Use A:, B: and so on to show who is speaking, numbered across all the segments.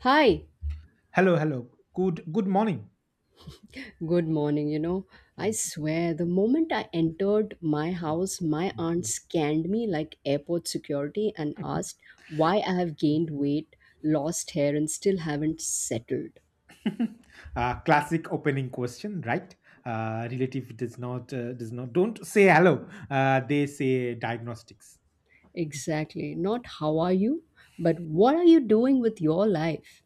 A: Hi,
B: Hello, hello. Good morning.
A: good morning. You know, I
B: Mm,
A: swear the moment I entered my
B: mm.
A: house, my aunt scanned me like airport security and asked why I have gained weight, lost hair, and still haven't settled.
B: Classic opening question, right? Relative does not don't say hello. They say diagnostics.
A: Exactly. Not how are you, but what are you doing with your life?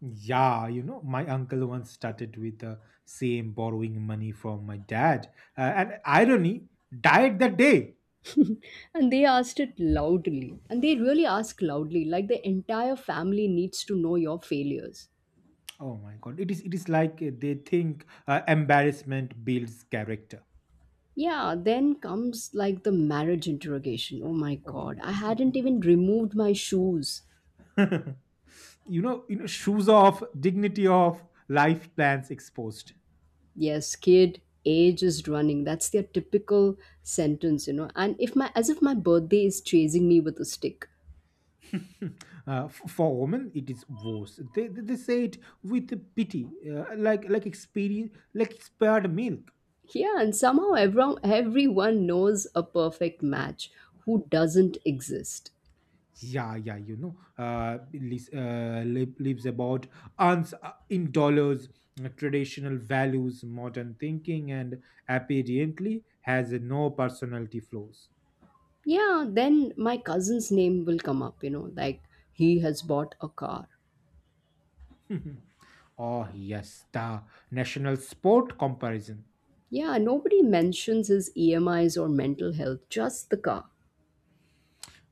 B: Yeah, my uncle once started with the same borrowing money from my dad, and irony died that day.
A: And they asked it loudly. And they really ask loudly, like the entire family needs to know your failures.
B: Oh my god! It is like they think embarrassment builds character.
A: Yeah, then comes like the marriage interrogation. Oh my
B: Oh,
A: god, I hadn't even removed my shoes.
B: shoes off, dignity off, life plans exposed.
A: Yes, kid, age is running. That's their typical sentence, you know. And if my as if my birthday is chasing me with a stick.
B: For women it is worse. They say it with pity, like experience like expired milk.
A: Yeah, and somehow everyone knows a perfect match who doesn't exist.
B: Yeah, yeah, lives about uns, in dollars, traditional values, modern thinking, and apparently has no personality flaws.
A: Yeah, then my cousin's name will come up, you know, like he has bought a car.
B: Oh yes, the national sport comparison.
A: Yeah, nobody mentions his EMIs or mental health, just the car.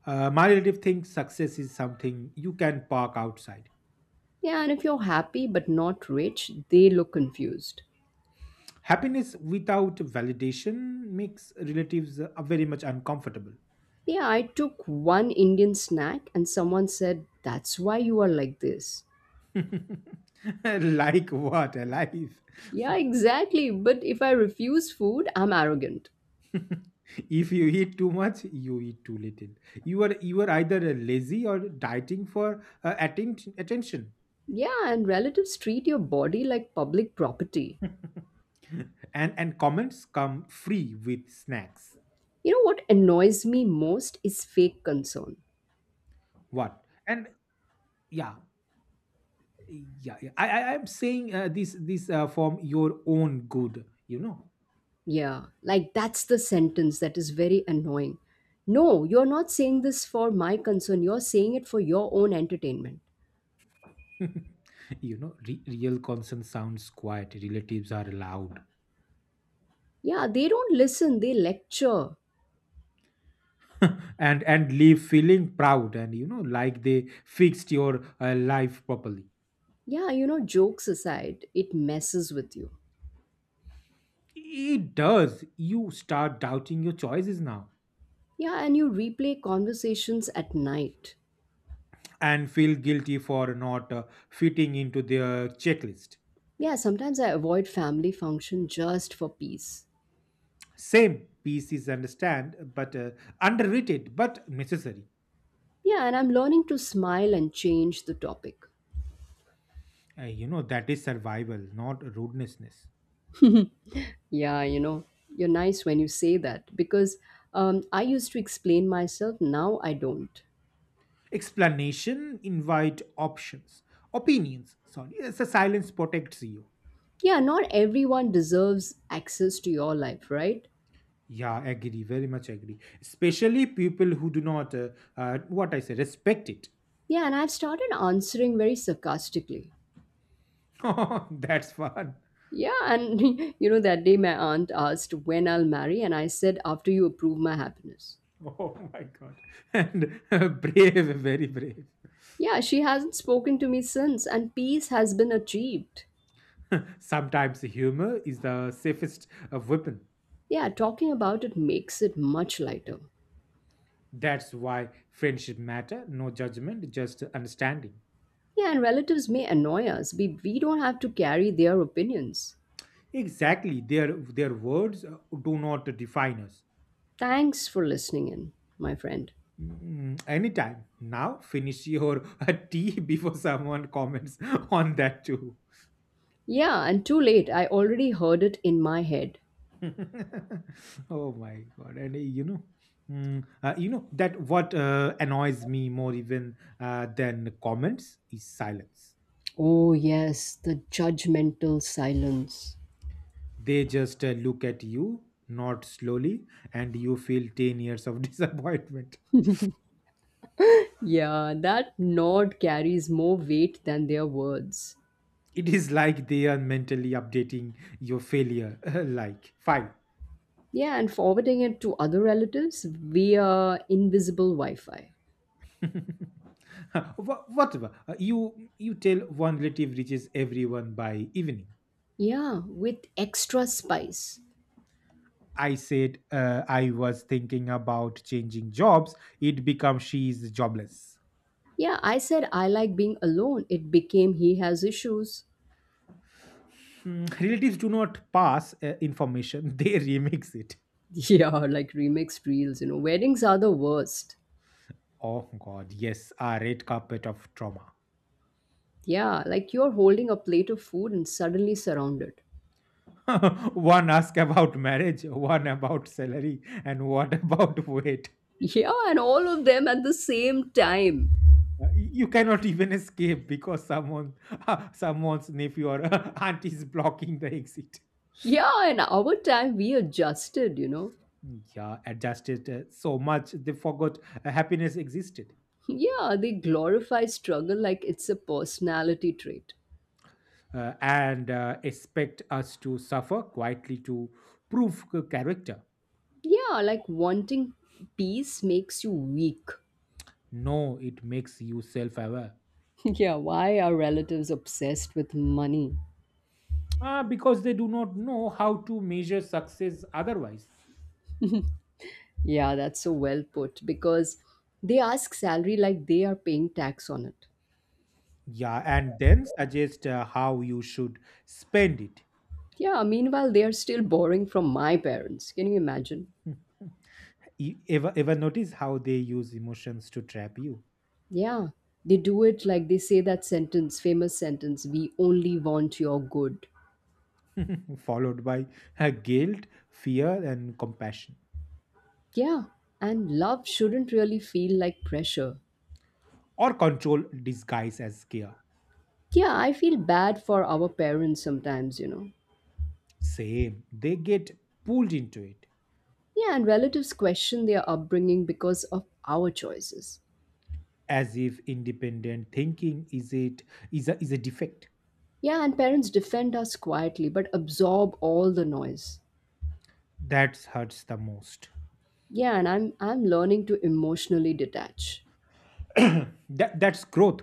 B: My relative thinks success is something you can park outside.
A: Yeah, and if you're happy but not rich, they look confused.
B: Happiness without validation makes relatives very much uncomfortable.
A: Yeah, I took one Indian snack and someone said, that's why you are like this.
B: Like what, alive?
A: Yeah, exactly. But if I refuse food, I'm arrogant.
B: If you eat too much, you eat too little. You are either lazy or dieting for attention.
A: Yeah, and relatives treat your body like public property.
B: And comments come free with snacks.
A: You know what annoys me most is fake concern.
B: What? And yeah, yeah, yeah. I am saying this from your own good.
A: Yeah, like that's the sentence that is very annoying. No, you're not saying this for my concern, you're saying it for your own entertainment.
B: Real concern sounds quiet. Relatives are loud.
A: Yeah, they don't listen, they lecture.
B: And leave feeling proud, and like they fixed your life properly.
A: Yeah, you know, jokes aside, it messes with you.
B: It does. You start doubting your choices now.
A: Yeah, and you replay conversations at night.
B: And feel guilty for not fitting into their checklist.
A: Yeah, sometimes I avoid family function just for peace.
B: Same, piece is understand, but underrated but necessary.
A: Yeah, and I'm learning to smile and change the topic.
B: That is survival, not rudenessness.
A: Yeah, you know, you're nice when you say that because I used to explain myself, now I don't.
B: Explanation invite options, opinions, sorry, it's a silence protects you.
A: Yeah, not everyone deserves access to your life, right?
B: Yeah, agree, very much agree. Especially people who do not, what I say, respect it.
A: Yeah, and I've started answering very sarcastically.
B: Oh, that's fun.
A: Yeah, and you know, that day my aunt asked when I'll marry, and I said, after you approve my happiness.
B: Oh my god. And brave, very brave.
A: Yeah, she hasn't spoken to me since, and peace has been achieved.
B: Sometimes humor is the safest weapon.
A: Yeah, talking about it makes it much lighter.
B: That's why friendship matter, no judgment, just understanding.
A: Yeah, and relatives may annoy us, but we don't have to carry their opinions.
B: Exactly. Their words do not define us.
A: Thanks for listening in, my friend.
B: Mm, anytime. Now finish your tea before someone comments on that too.
A: Yeah, and too late, I already heard it in my head.
B: Oh my god. And you know that what annoys me more, even than comments, is silence.
A: Oh, yes, the judgmental silence.
B: They just look at you not slowly, and you feel 10 years of disappointment.
A: Yeah, that nod carries more weight than their words.
B: It is like they are mentally updating your failure. Like, fine.
A: Yeah, and forwarding it to other relatives via invisible Wi Fi.
B: Whatever. You tell one relative, reaches everyone by evening.
A: Yeah, with extra spice.
B: I said I was thinking about changing jobs, it becomes she is jobless.
A: Yeah, I said I like being alone. It became he has issues.
B: Hmm, relatives do not pass information, they remix it.
A: Yeah, like remixed reels, you know. Weddings are the worst.
B: Oh god, yes, a red carpet of trauma.
A: Yeah, like you're holding a plate of food and suddenly surrounded.
B: One ask about marriage, one about salary, and what about weight.
A: Yeah, and all of them at the same time.
B: You cannot even escape because someone, someone's nephew or aunt is blocking the exit.
A: Yeah, in our time we adjusted, you know.
B: Yeah, adjusted so much they forgot happiness existed.
A: Yeah, they glorify struggle like it's a personality trait.
B: And expect us to suffer quietly to prove character.
A: Yeah, like wanting peace makes you weak.
B: No, it makes you self aware.
A: Yeah, why are relatives obsessed with money?
B: Ah, because they do not know how to measure success otherwise.
A: Yeah, that's so well put because they ask salary like they are paying tax on it.
B: Yeah, and then suggest how you should spend it.
A: Yeah, meanwhile, they are still borrowing from my parents. Can you imagine?
B: Ever notice how they use emotions to trap you.
A: Yeah, they do it like they say that sentence, famous sentence, we only want your good.
B: Followed by guilt, fear, and compassion.
A: Yeah, and love shouldn't really feel like pressure.
B: Or control disguised as care.
A: Yeah, I feel bad for our parents sometimes, you know.
B: Same, they get pulled into it.
A: Yeah, and relatives question their upbringing because of our choices.
B: As if independent thinking is a defect.
A: Yeah, and parents defend us quietly but absorb all the noise.
B: That hurts the most.
A: Yeah, and I'm learning to emotionally detach.
B: That's growth.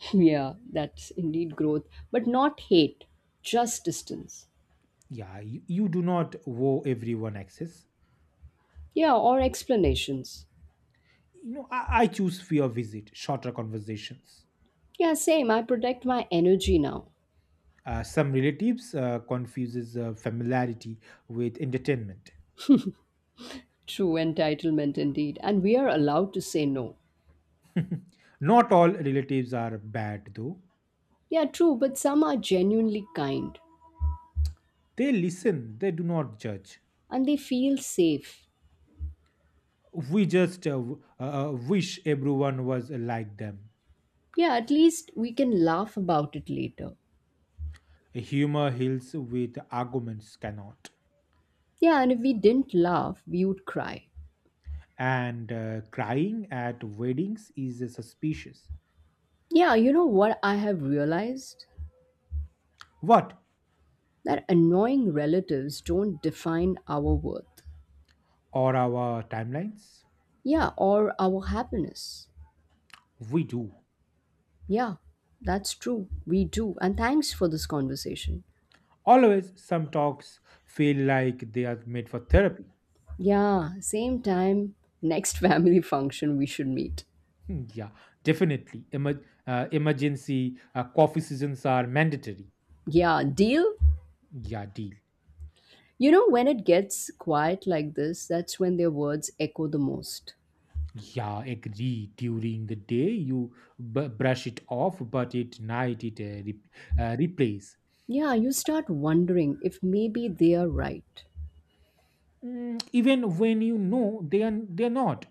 A: Yeah, that's indeed growth, but not hate, just distance.
B: Yeah, you do not owe everyone access.
A: Yeah, or explanations.
B: I choose fewer visit, shorter conversations.
A: Yeah, same. I protect my energy now.
B: Some relatives confuses familiarity with entertainment.
A: True entitlement indeed, and we are allowed to say no.
B: Not all relatives are bad though.
A: Yeah, true, but some are genuinely kind.
B: They listen, they do not judge.
A: And they feel safe.
B: We just wish everyone was like them.
A: Yeah, at least we can laugh about it later.
B: Humor heals with arguments cannot.
A: Yeah, and if we didn't laugh, we would cry.
B: And crying at weddings is suspicious.
A: Yeah, you know what I have realized?
B: What
A: That annoying relatives don't define our worth.
B: are our timelines?
A: Yeah, or our happiness.
B: We do.
A: Yeah, that's true. We do. And thanks for this conversation.
B: Always, some talks feel like they are made for therapy.
A: Yeah, same time, next family function we should meet.
B: Hmm, yeah, definitely. Emergency coffee sessions are mandatory.
A: Yeah, deal?
B: Yeah, deal.
A: You know, when it gets quiet like this, that's when their words echo the most.
B: Yeah, agree. During the day, you brush it off, but at night, it replays.
A: Yeah, you start wondering if maybe they are right.
B: Even when you know they're not.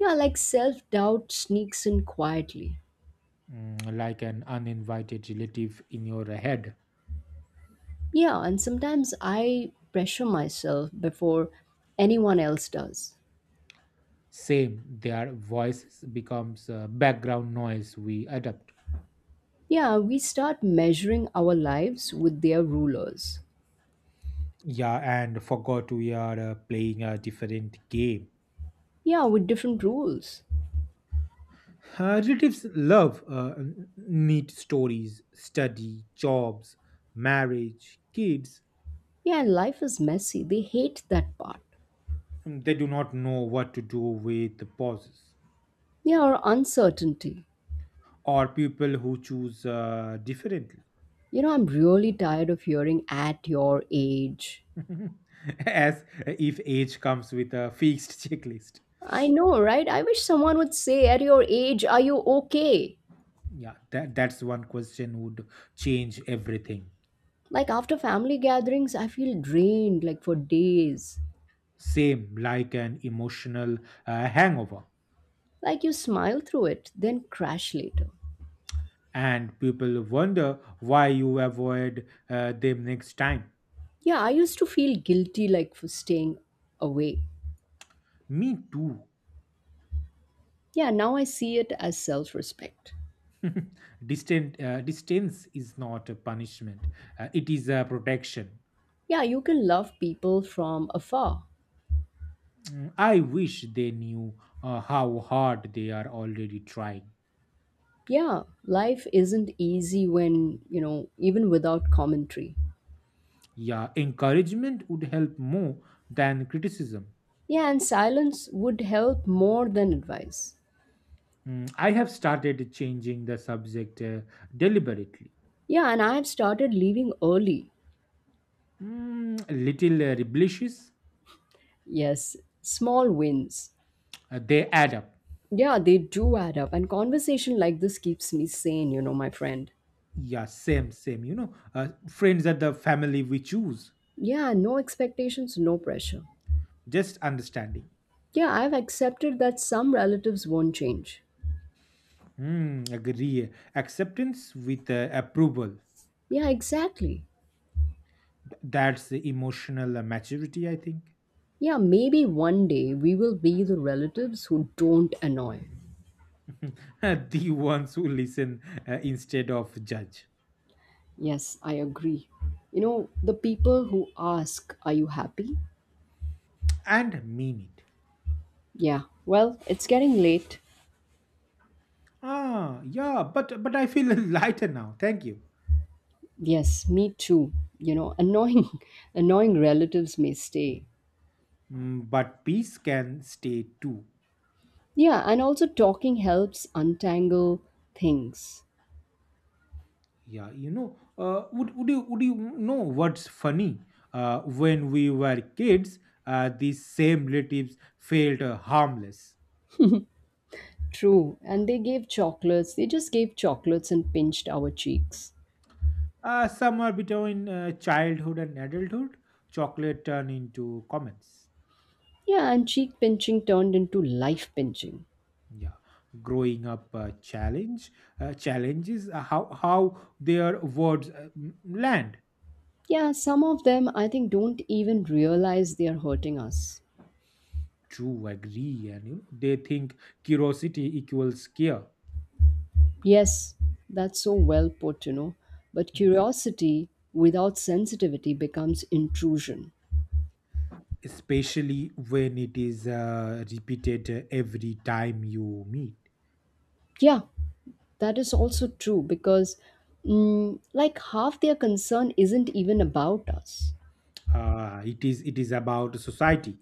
A: Yeah, like self doubt sneaks in quietly.
B: Like an uninvited relative in your head.
A: Yeah, and sometimes I pressure myself before anyone else does.
B: Same, their voice becomes background noise, we adapt.
A: Yeah, we start measuring our lives with their rulers.
B: Yeah, and forgot we are playing a different game.
A: Yeah, with different rules.
B: Relatives love neat stories, study, jobs, marriage, kids.
A: Yeah, and life is messy. They hate that part.
B: They do not know what to do with the pauses.
A: Yeah, or uncertainty.
B: Or people who choose differently.
A: You know, I'm really tired of hearing at your age.
B: As if age comes with a fixed checklist.
A: I know, right? I wish someone would say, at your age, are you okay?
B: Yeah, that's one question would change everything.
A: Like after family gatherings, I feel drained like for days.
B: Same, like an emotional hangover.
A: Like you smile through it, then crash later.
B: And people wonder why you avoid them next time.
A: Yeah, I used to feel guilty like for staying away.
B: Me too.
A: Yeah, now I see it as self respect.
B: Distance is not a punishment, it is a protection.
A: Yeah, you can love people from afar.
B: I wish they knew how hard they are already trying.
A: Yeah, life isn't easy when, you know, even without commentary.
B: Yeah, encouragement would help more than criticism.
A: Yeah, and silence would help more than advice.
B: I have started changing the subject, deliberately.
A: Yeah, and I have started leaving early.
B: Little rebellious.
A: Yes, small wins.
B: They add up.
A: Yeah, they do add up. And conversation like this keeps me sane, you know, my friend.
B: Yeah, same, same. You know, friends are the family we choose.
A: Yeah, no expectations, no pressure.
B: Just understanding.
A: Yeah, I've accepted that some relatives won't change.
B: Mm, agree. Acceptance with approval.
A: Yeah, exactly.
B: That's the emotional maturity, I think.
A: Yeah, maybe one day we will be the relatives who don't annoy.
B: The ones who listen instead of judge.
A: Yes, I agree. You know, the people who ask, are you happy?
B: And mean it.
A: Yeah, well, it's getting late.
B: Ah, yeah, but I feel lighter now. Thank you.
A: Yes, me too. You know, annoying, annoying relatives may stay,
B: But peace can stay too.
A: yeah, and also talking helps untangle things.
B: Yeah, you know. Would you know what's funny? When we were kids, these same relatives felt harmless.
A: True. And they gave chocolates. They just gave chocolates and pinched our cheeks.
B: Somewhere between childhood and adulthood, chocolate turned into comments.
A: Yeah, and cheek pinching turned into life pinching.
B: Yeah, growing up, challenges how their words land.
A: Yeah, some of them I think don't even realize they are hurting us.
B: True, agree. And you know, they think curiosity equals care,
A: Yes, that's so well put, you know. But curiosity without sensitivity becomes intrusion.
B: especially when it is repeated every time you meet.
A: Yeah, that is also true because, mm, like, half their concern isn't even about us.
B: It is about society.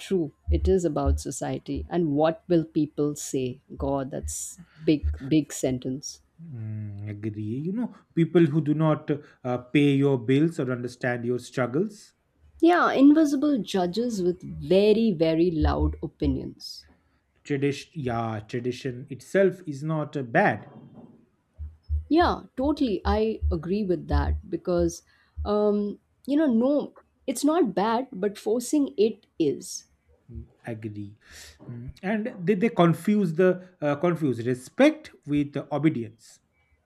A: True, it is about society and what will people say? God, that's big, big sentence.
B: Mm, agree. You know, people who do not pay your bills or understand your struggles.
A: Yeah, invisible judges with very, very loud opinions.
B: Tradition, yeah, tradition itself is not bad.
A: Yeah, totally. I agree with that because, um, you know, no, it's not bad, but forcing it is.
B: Agree. And they confuse respect with obedience.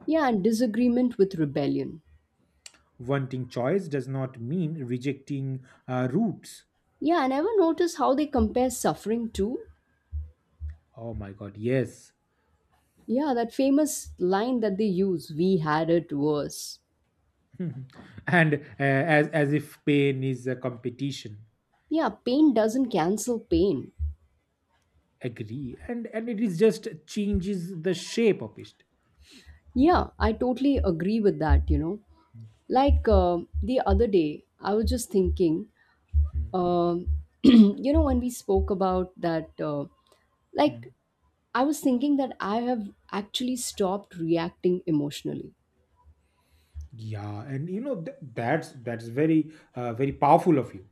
A: Yeah, and disagreement with rebellion.
B: Wanting choice does not mean rejecting roots.
A: Yeah, and ever notice how they compare suffering to.
B: Oh my God, yes.
A: Yeah, that famous line that they use, we had it worse.
B: And as if pain is a competition.
A: Yeah, pain doesn't cancel pain.
B: Agree. And it is just changes the shape of it.
A: Yeah, I totally agree with that, you know. Like the other day, I was just thinking,
B: Mm,
A: um, you know, when we spoke about that,
B: mm.
A: like, I was thinking that I have actually stopped reacting emotionally.
B: Yeah, and you know that's very very powerful of you.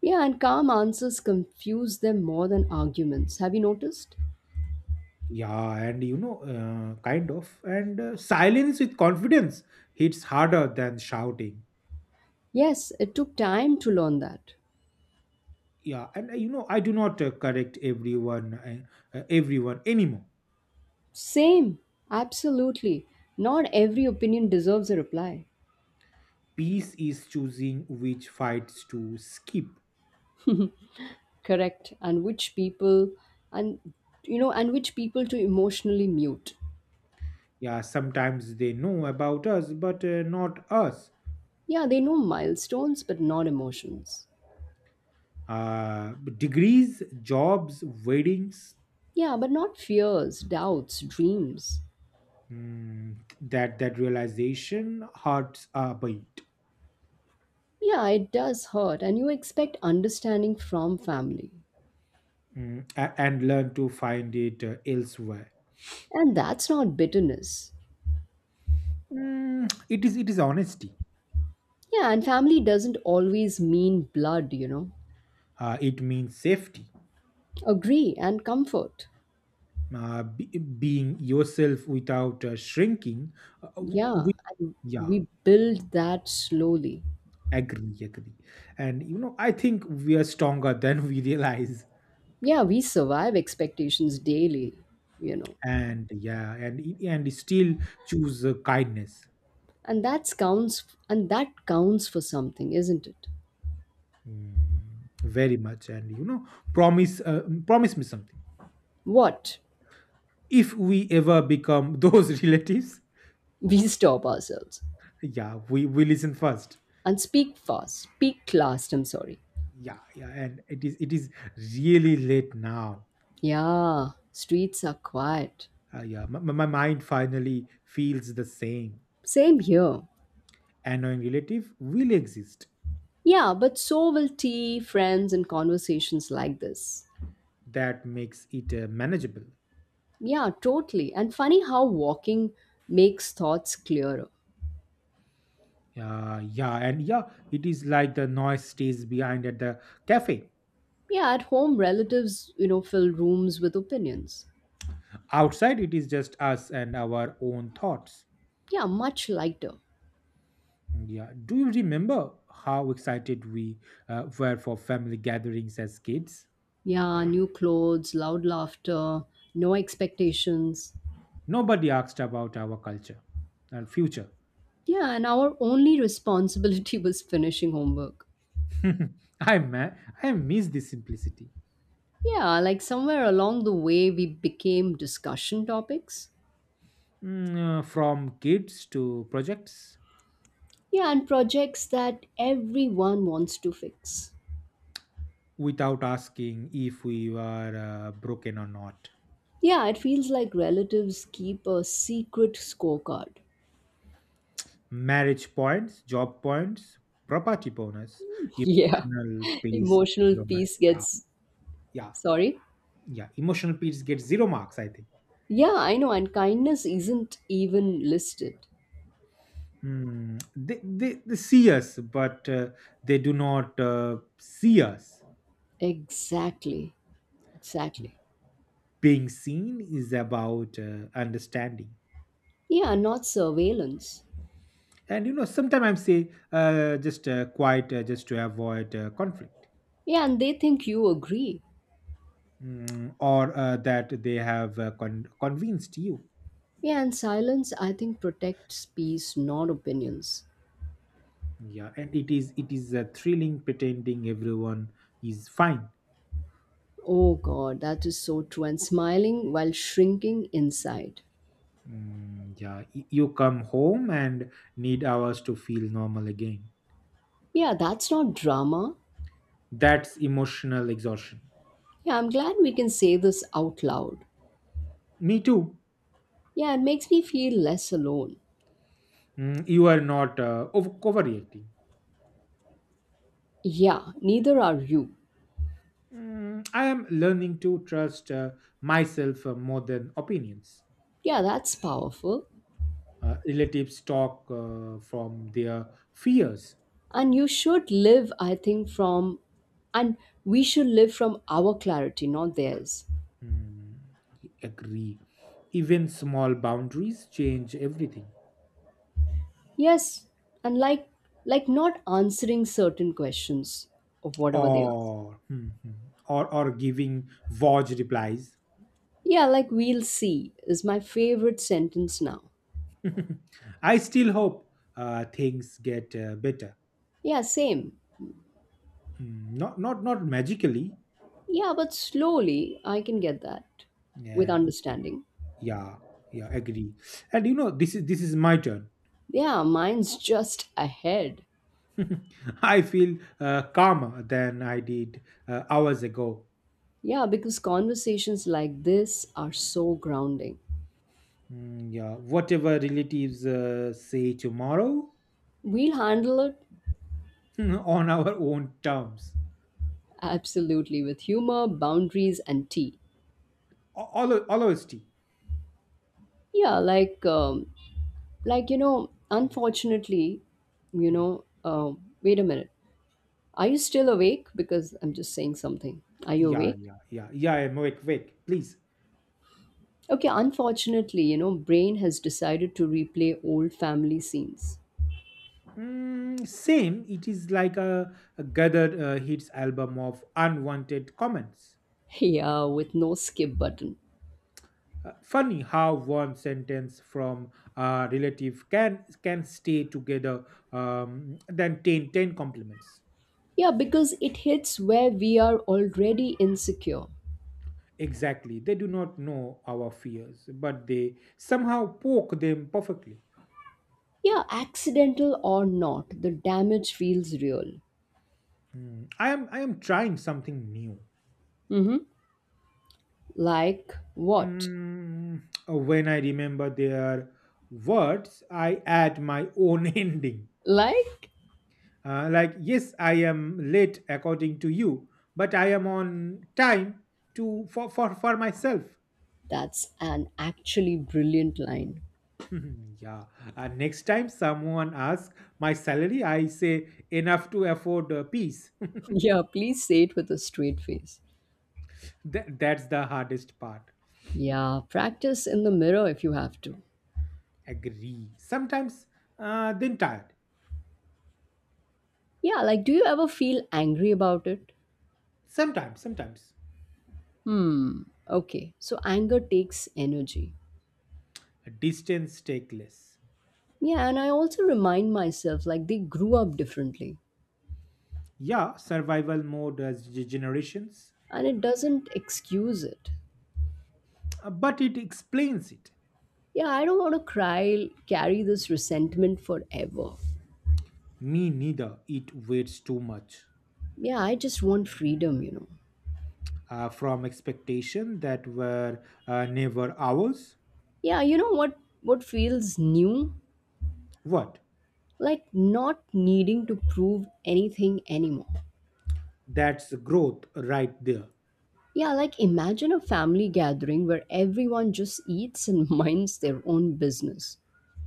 A: Yeah, and calm answers confuse them more than arguments. Have you noticed?
B: Yeah, and you know, kind of, and silence with confidence hits harder than shouting.
A: Yes, it took time to learn that.
B: Yeah, and you know, I do not correct everyone anymore.
A: Same, absolutely. Not every opinion deserves a reply.
B: Peace is choosing which fights to skip.
A: Correct, and which people, and you know, and which people to emotionally mute.
B: Yeah, sometimes they know about us, but not us.
A: Yeah, they know milestones but not emotions.
B: Degrees, jobs, weddings.
A: Yeah, but not fears, doubts, dreams.
B: That realization hurts a bit.
A: Yeah, it does hurt, and you expect understanding from family.
B: And learn to find it elsewhere.
A: And that's not bitterness.
B: It is honesty.
A: Yeah, and family doesn't always mean blood, you know.
B: It means safety.
A: Agree, and comfort.
B: Being yourself without shrinking. We,
A: Yeah, and
B: yeah.
A: we build that slowly.
B: Agree, agree. And you know, I think we are stronger than we realize.
A: Yeah, we survive expectations daily, you know.
B: And yeah, and still choose kindness.
A: And that counts, and that counts for something, isn't it?
B: Mm, very much. And you know, promise me something.
A: What?
B: If we ever become those relatives,
A: We stop ourselves,
B: yeah, we listen first.
A: and speak fast, speak last, I'm sorry.
B: Yeah, yeah, and it is really late now.
A: Yeah, streets are quiet.
B: Yeah, my mind finally feels the same.
A: Same here.
B: Annoying relative will exist.
A: Yeah, but so will tea, friends, and conversations like this.
B: That makes it manageable.
A: Yeah, totally. And funny how walking makes thoughts clearer.
B: Yeah, yeah, and yeah, it is like the noise stays behind at the cafe.
A: Yeah, at home relatives, you know, fill rooms with opinions.
B: Outside, it is just us and our own thoughts.
A: Yeah, much lighter.
B: Yeah. Do you remember how excited we were for family gatherings as kids?
A: Yeah, new clothes, loud laughter, no expectations.
B: Nobody asked about our culture and future.
A: Yeah, and our only responsibility was finishing homework.
B: I ma- I miss this simplicity.
A: Yeah, like somewhere along the way, we became discussion topics.
B: From kids to projects.
A: Yeah, and projects that everyone wants to fix.
B: Without asking if we were broken or not.
A: Yeah, it feels like relatives keep a secret scorecard.
B: Marriage points, job points, property bonus,
A: Yeah,
B: emotional piece,
A: emotional
B: zero marks.
A: peace
B: Yeah,
A: gets.
B: yeah,
A: Sorry?
B: yeah. Emotional piece get zero marks, I think.
A: Yeah, I know, and kindness isn't even listed.
B: Hmm. They see us, but they do not see us.
A: Exactly, exactly.
B: Being seen is about understanding.
A: Yeah, not surveillance.
B: And you know, sometimes I say just quiet, just to avoid conflict,
A: Yeah, and they think you agree.
B: Or that they have convinced you.
A: Yeah, and silence, I think, protects peace, not opinions.
B: Yeah, and it is a thrilling pretending everyone is fine.
A: Oh God, that is so true. And smiling while shrinking inside.
B: Mm, yeah, you come home and need hours to feel normal again.
A: Yeah, that's not drama.
B: That's emotional exhaustion.
A: Yeah, I'm glad we can say this out loud.
B: Me too.
A: Yeah, it makes me feel less alone.
B: You are not overreacting.
A: Yeah, neither are you.
B: I am learning to trust myself more than opinions.
A: Yeah, that's powerful.
B: Relatives talk from their fears.
A: And you should live, I think, from, and we should live from our clarity, not theirs.
B: Mm, agree. Even small boundaries change everything,
A: Yes, and like not answering certain questions of whatever they ask.
B: or or giving Voj replies.
A: Yeah, like we'll see is my favorite sentence now.
B: I still hope things get better.
A: Yeah, same.
B: Not magically.
A: Yeah, but slowly I can get that with
B: And
A: understanding.
B: yeah, yeah, agree. And you know, this is my turn.
A: Yeah, mine's just ahead.
B: I feel calmer than I did hours ago.
A: Yeah, because conversations like this are so grounding.
B: Mm, yeah, whatever relatives say tomorrow.
A: We'll handle it
B: On our own terms.
A: absolutely with humor, boundaries, and tea.
B: All honesty.
A: Yeah, like you know
B: Hmm,
A: unfortunately you
B: hmm.
A: know wait a minute, are you still awake, because I'm just saying something, are you
B: Yeah,
A: awake?
B: yeah, yeah, yeah. I'm Wait, wait, please.
A: Okay, unfortunately you know brain has decided to replay old family scenes.
B: Mm, same. It is like a gathered hits album of unwanted comments.
A: Yeah, with no skip button.
B: Funny how one sentence from a relative can stay together, than ten compliments.
A: Yeah, because it hits where we are already insecure.
B: Exactly. They do not know our fears, but they somehow poke them perfectly.
A: Yeah, accidental or not, the damage feels real.
B: I am trying something new.
A: Like what?
B: Mm, oh, when I remember their words, I add my own ending.
A: Like
B: Like, yes, I am late according to you, but I am on time for myself.
A: that's an actually brilliant line.
B: Yeah. Next time someone asks my salary, I say enough to afford peace.
A: Yeah, please say it with a straight face.
B: That's the hardest part.
A: Yeah, practice in the mirror if you have to.
B: Agree. Sometimes, then tired.
A: Yeah, like do you ever feel angry about it?
B: Sometimes, sometimes.
A: Hmm, okay. So anger takes energy.
B: Distance take less.
A: Yeah, and I also remind myself like they grew up differently
B: Yeah, survival mode as generations,
A: and it doesn't excuse it.
B: but it explains it.
A: Yeah, I don't want to cry, carry this resentment forever.
B: Me neither. It waits too much
A: Yeah, I just want freedom, you know.
B: from expectation that were never ours.
A: Yeah, you know what feels new?
B: What?
A: Like not needing to prove anything anymore.
B: That's growth right there.
A: Yeah, like imagine a family gathering where everyone just eats and minds their own business.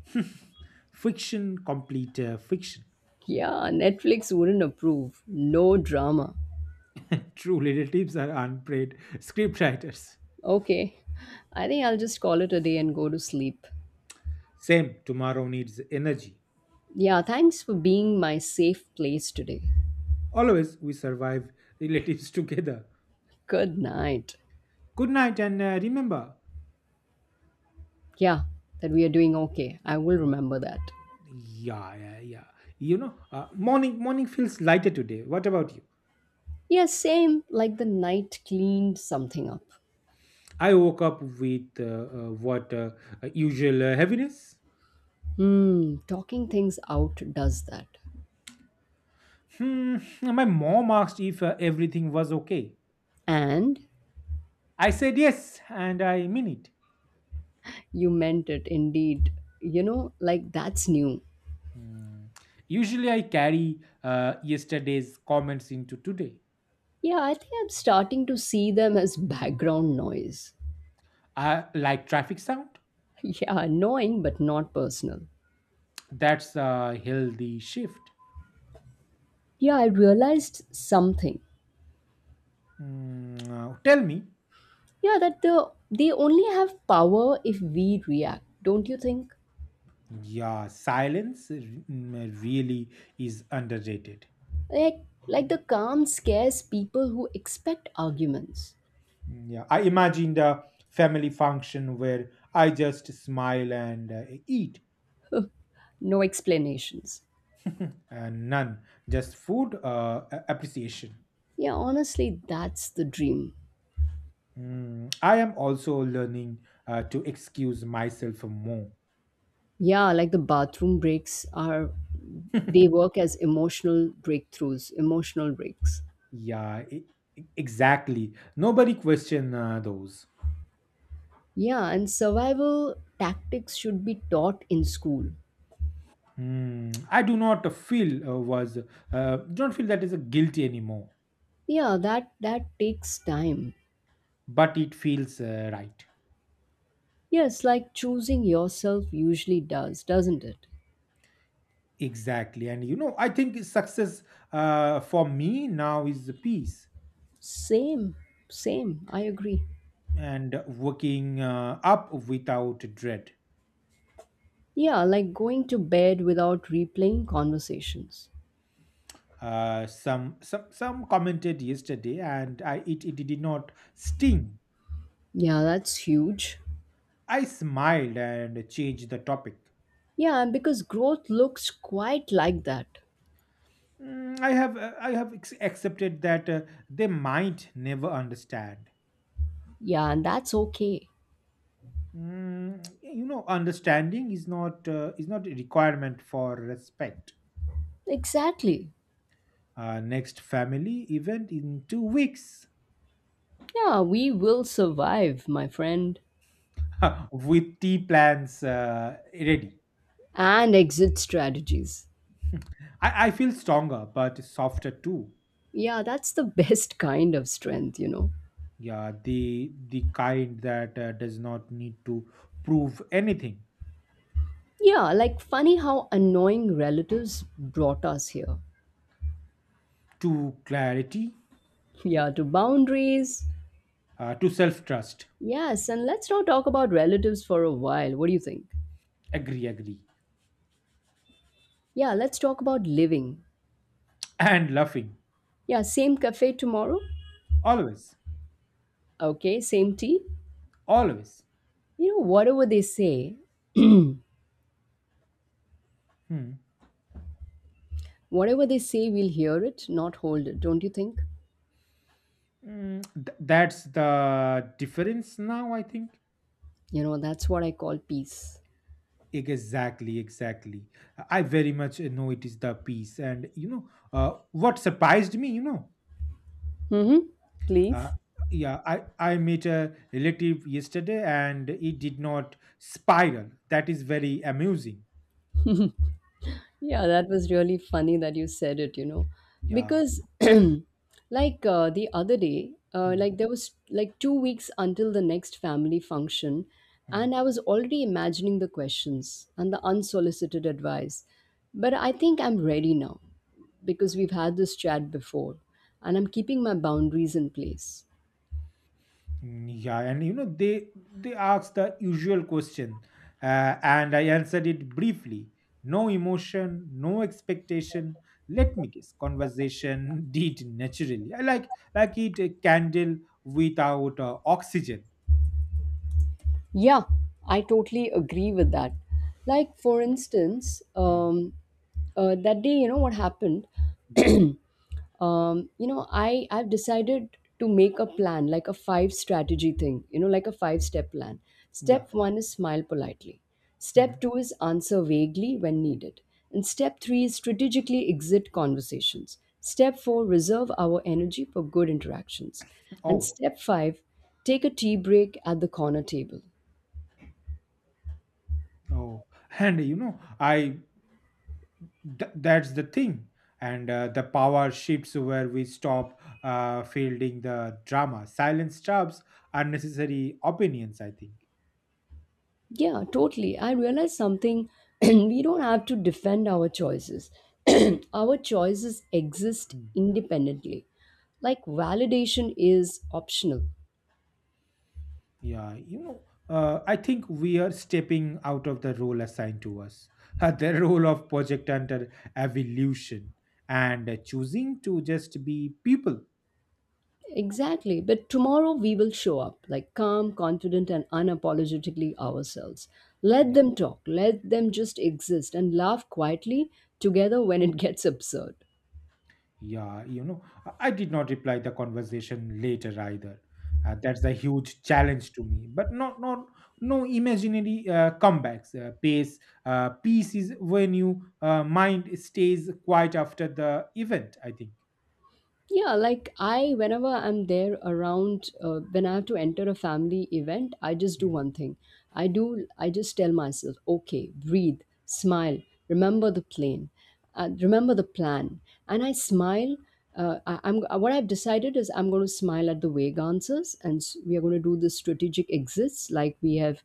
B: Fiction, complete fiction.
A: Yeah, Netflix wouldn't approve. No drama.
B: True relatives are unpaid scriptwriters.
A: Okay, I think I'll just call it a day and go to sleep.
B: Same. Tomorrow needs energy.
A: Yeah, thanks for being my safe place today.
B: Always we survive relatives together.
A: Good night.
B: Good night, and remember.
A: Yeah, that we are doing okay. I will remember that.
B: Yeah, yeah, yeah. Morning feels lighter today. What about you?
A: Yeah, same, like the night cleaned something up.
B: I woke up with what usual heaviness.
A: Hmm, talking things out does that.
B: Hmm. My mom asked if everything was okay.
A: And
B: I said yes, and I mean it.
A: you meant it indeed. You know, like that's new.
B: Hmm. Usually, I carry yesterday's comments into today.
A: Yeah, I think I'm starting to see them as background noise.
B: I like traffic sound.
A: Yeah, annoying but not personal.
B: That's a healthy shift.
A: Yeah, I realized something.
B: Tell me,
A: Yeah, that they only have power if we react, don't you think?
B: yeah, silence really is underrated.
A: Like like the calm scares people who expect arguments.
B: Yeah, I imagined a family function where I just smile and eat,
A: No explanations.
B: and none, just food appreciation.
A: Yeah, honestly, that's the dream.
B: I am also learning to excuse myself more.
A: Yeah, like the bathroom breaks are, they work as emotional breakthroughs, emotional breaks.
B: Yeah, exactly. Nobody question those.
A: Yeah, and survival tactics should be taught in school.
B: Hmm. I do not feel was don't feel that is a guilty anymore,
A: Yeah, that takes time.
B: but it feels right.
A: Yes, like choosing yourself usually does, doesn't it?
B: Exactly. And I think success for me now is the peace,
A: Same, same. I agree.
B: and working up without dread.
A: Yeah, like going to bed without replaying conversations.
B: Some commented yesterday, and it did not sting.
A: Yeah, that's huge.
B: I smiled and changed the topic.
A: Yeah, and because growth looks quite like that.
B: I have accepted that they might never understand.
A: Yeah, and that's okay.
B: Understanding is not a requirement for respect.
A: Exactly.
B: Next family event in 2 weeks,
A: Yeah, we will survive, my friend.
B: with tea plans ready.
A: And exit strategies.
B: I feel stronger but softer too.
A: Yeah, that's the best kind of strength, you know.
B: Yeah, the kind that does not need to prove anything,
A: Yeah, like funny how annoying relatives brought us here.
B: to clarity,
A: Yeah, to boundaries.
B: to self trust.
A: Yes, and let's not talk about relatives for a while. What do you think?
B: Agree, agree,
A: Yeah, let's talk about living.
B: and laughing
A: Yeah, same cafe tomorrow.
B: always,
A: Okay, same tea.
B: always.
A: You know,
B: Hmm.
A: whatever they say, we'll hear it, not hold it, don't you think?
B: That's the difference now, I think.
A: You know, that's what I call peace.
B: Exactly, exactly. I very much know it is the piece, and what surprised me,
A: Hmm. Please.
B: uh, yeah, I met a relative yesterday, and it did not spiral. That is very amusing. Uh,
A: Yeah, that was really funny that you said it, you know,
B: Yeah.
A: because like the other day,
B: Hmm,
A: like there was like 2 weeks until the next family function,
B: hmm.
A: and I was already imagining the questions and the unsolicited advice. But I think I'm ready now because we've had this chat before, and I'm keeping my boundaries in place.
B: Yeah, and they asked the usual question, and I answered it briefly. No emotion, no expectation. Let me guess. Conversation did naturally, I like it, a candle without oxygen.
A: Yeah, I totally agree with that. Like, for instance,
B: Mm,
A: that day, you know what happened?
B: mm,
A: um, you know, I've decided to make a plan, like a five strategy thing. You know, like a five step plan.
B: yeah.
A: Step one is smile politely. Step
B: Mm.
A: two is answer vaguely when needed, and step three is strategically exit conversations. Step four, reserve our energy for good interactions, and
B: Oh,
A: step five, take a tea break at the corner table.
B: oh, and that's the thing. And the power shifts where we stop fielding the drama, silence stops unnecessary opinions, I think.
A: Yeah, totally. I realized something. We don't have to defend our choices. Our choices exist
B: Mm.
A: independently. Like, validation is optional.
B: Yeah, I think we are stepping out of the role assigned to us, the role of project under evolution, and choosing to just be people.
A: Exactly. But tomorrow we will show up, like calm, confident, and unapologetically ourselves. Let
B: Yeah.
A: them talk. Let them just exist and laugh quietly together when it gets absurd.
B: Yeah, I did not reply the conversation later either. That's a huge challenge to me. But not no imaginary comebacks. Pace Peace is when you mind stays quiet after the event, I think.
A: Yeah, like I, whenever I'm there around, when I have to enter a family event, I just do
B: Mm.
A: one thing. I just tell myself, okay, breathe, smile, remember the plan, remember the plan. And I smile. I'm what I've decided is I'm going to smile at the vague answers, and we are going to do the strategic exits like we have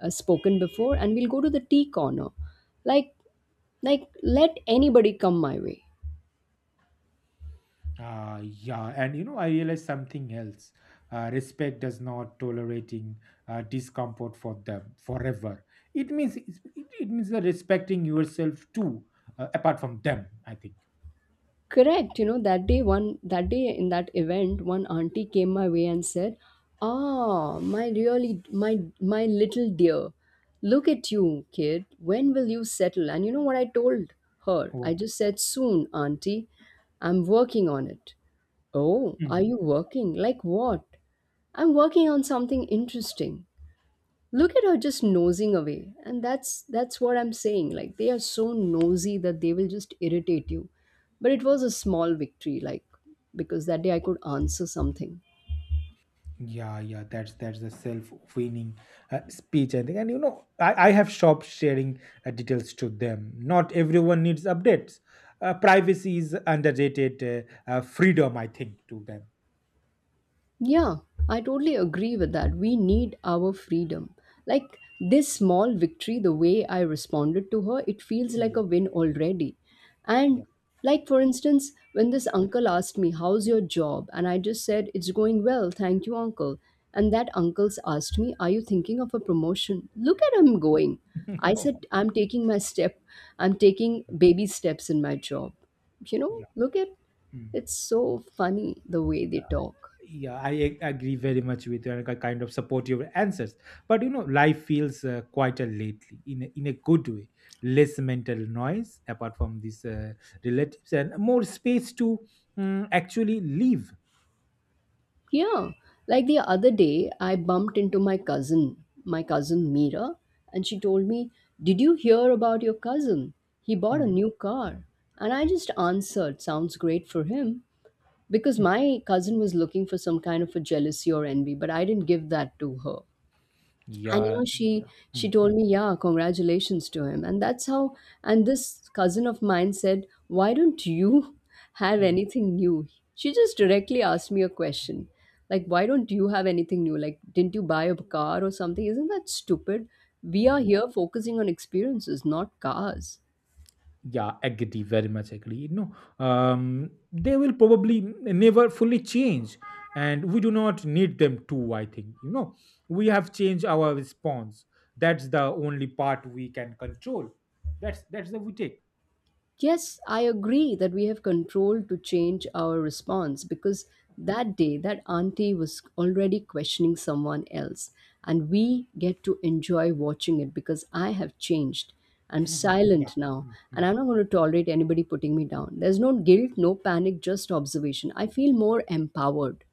A: spoken before, and we'll go to the tea corner. Like, like let anybody come my way.
B: Yeah, and I realized something else. Respect does not tolerating discomfort for them forever. It means it, it means that respecting yourself too, apart from them, I think.
A: Correct. You know, that day, one that day in that event, one auntie came my way and said, "Ah, my really my my little dear, look at you, kid. When will you settle?" And you know what I told her? I
B: What?
A: just said, "Soon, auntie. I'm working on it." "Oh, are
B: Hmm.
A: you working? Like what?" "I'm working on something interesting." Look at her just nosing away, and that's what I'm saying, like they are so nosy that they will just irritate you. But it was a small victory, like, because that day I could answer something.
B: Yeah, yeah, that's the self-winning speech, I think. And I have stopped sharing details to them. Not everyone needs updates. Privacy is underrated freedom, I think, to them.
A: Yeah, I totally agree with that. We need our freedom. Like, this small victory, the way I responded to her, it feels like
B: Mm,
A: a win already.
B: yeah.
A: And like, for instance, when this uncle asked me, "How's your job?" and I just said, "It's going well, thank you, uncle." And that uncle's asked me, "Are you thinking of a promotion?" Look at him going. I
B: Oh,
A: said, "I'm taking my step. I'm taking baby steps in my job." You know,
B: yeah.
A: look at,
B: Mm.
A: it's so funny the way they talk.
B: Yeah, I agree very much with you, and I kind of support your answers. But life feels quieter lately, in a good way. Less mental noise apart from these relatives, and more space to actually live.
A: Yeah, like the other day, I bumped into my cousin Mira, and she told me, "Did you hear about your cousin? He bought a
B: Mm.
A: new car." And I just answered, "Sounds great for him," because my cousin was looking for some kind of a jealousy or envy, but I didn't give that to her. And you
B: Yeah.
A: know, she
B: Mm,
A: told
B: mm,
A: me, yeah, congratulations to him, and that's how. And this cousin of mine said, why don't you have
B: mm,
A: anything new? She just directly asked me a question, like, why don't you have anything new, like didn't you buy a car or something? Isn't that stupid? We are
B: mm, yeah,
A: here focusing on experiences, not cars.
B: yeah, agree, very much agree. No, they will probably never fully change, and we do not need them to. I think we have changed our response. That's the only part we can control. That's the we take.
A: Yes, I agree that we have control to change our response, because that day that auntie was already questioning someone else, and we get to enjoy watching it because I have changed. I'm
B: Yeah,
A: silent now,
B: mm,
A: and
B: mm.
A: I'm not going to tolerate anybody putting me down. There's no guilt, no panic, just observation. I feel more empowered.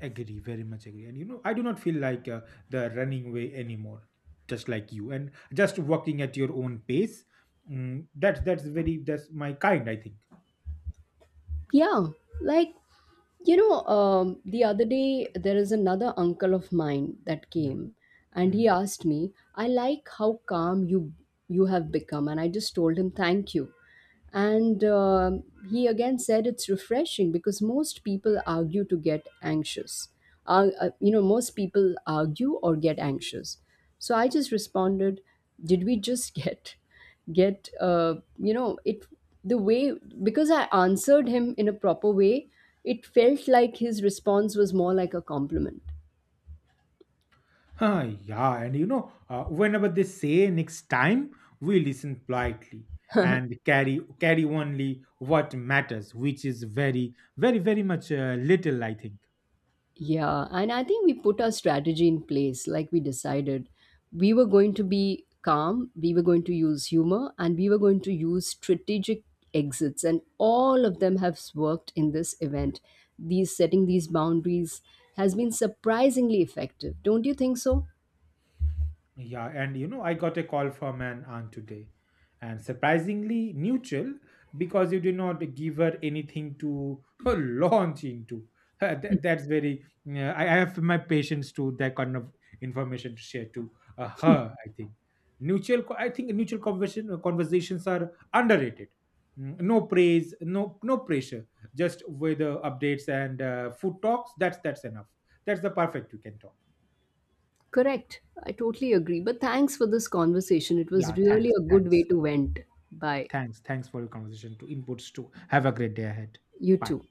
B: Agree, very much agree. And I do not feel like the running way anymore. Just like you, and just working at your own pace. That's very, that's my kind, I think.
A: Yeah, like you know, the other day there is another uncle of mine that
B: Hmm.
A: came, and he
B: Mm.
A: asked me, "I like how calm you have become," and I just told him, "Thank you." And he again said, "It's refreshing because most people argue to get anxious. You know, most people argue or get anxious." So I just responded, "Did we just get?" Get, you know it, the way, because I answered him in a proper way, it felt like his response was more like a compliment.
B: Ah, yeah, and whenever they say next time, we listen politely and carry only what matters, which is very, very, very much little, I think.
A: Yeah, and I think we put our strategy in place, like we decided we were going to be calm, we were going to use humor, and we were going to use strategic exits, and all of them have worked in this event. These setting these boundaries has been surprisingly effective, don't you think so?
B: Yeah, and I got a call from an aunt today, and surprisingly neutral, because you did not give her anything to launch into. That's very. I have my patience to that kind of information to share to her, I think. Neutral. I think neutral conversations are underrated. No praise, no pressure. Just weather updates and food talks. That's enough. That's the perfect you can talk.
A: Correct. I totally agree. But thanks for this conversation. It was
B: Yeah, thanks,
A: really a good
B: thanks.
A: way to vent. Bye.
B: Thanks. Thanks for your conversation to inputs, to have a great day ahead.
A: You
B: Bye.
A: too.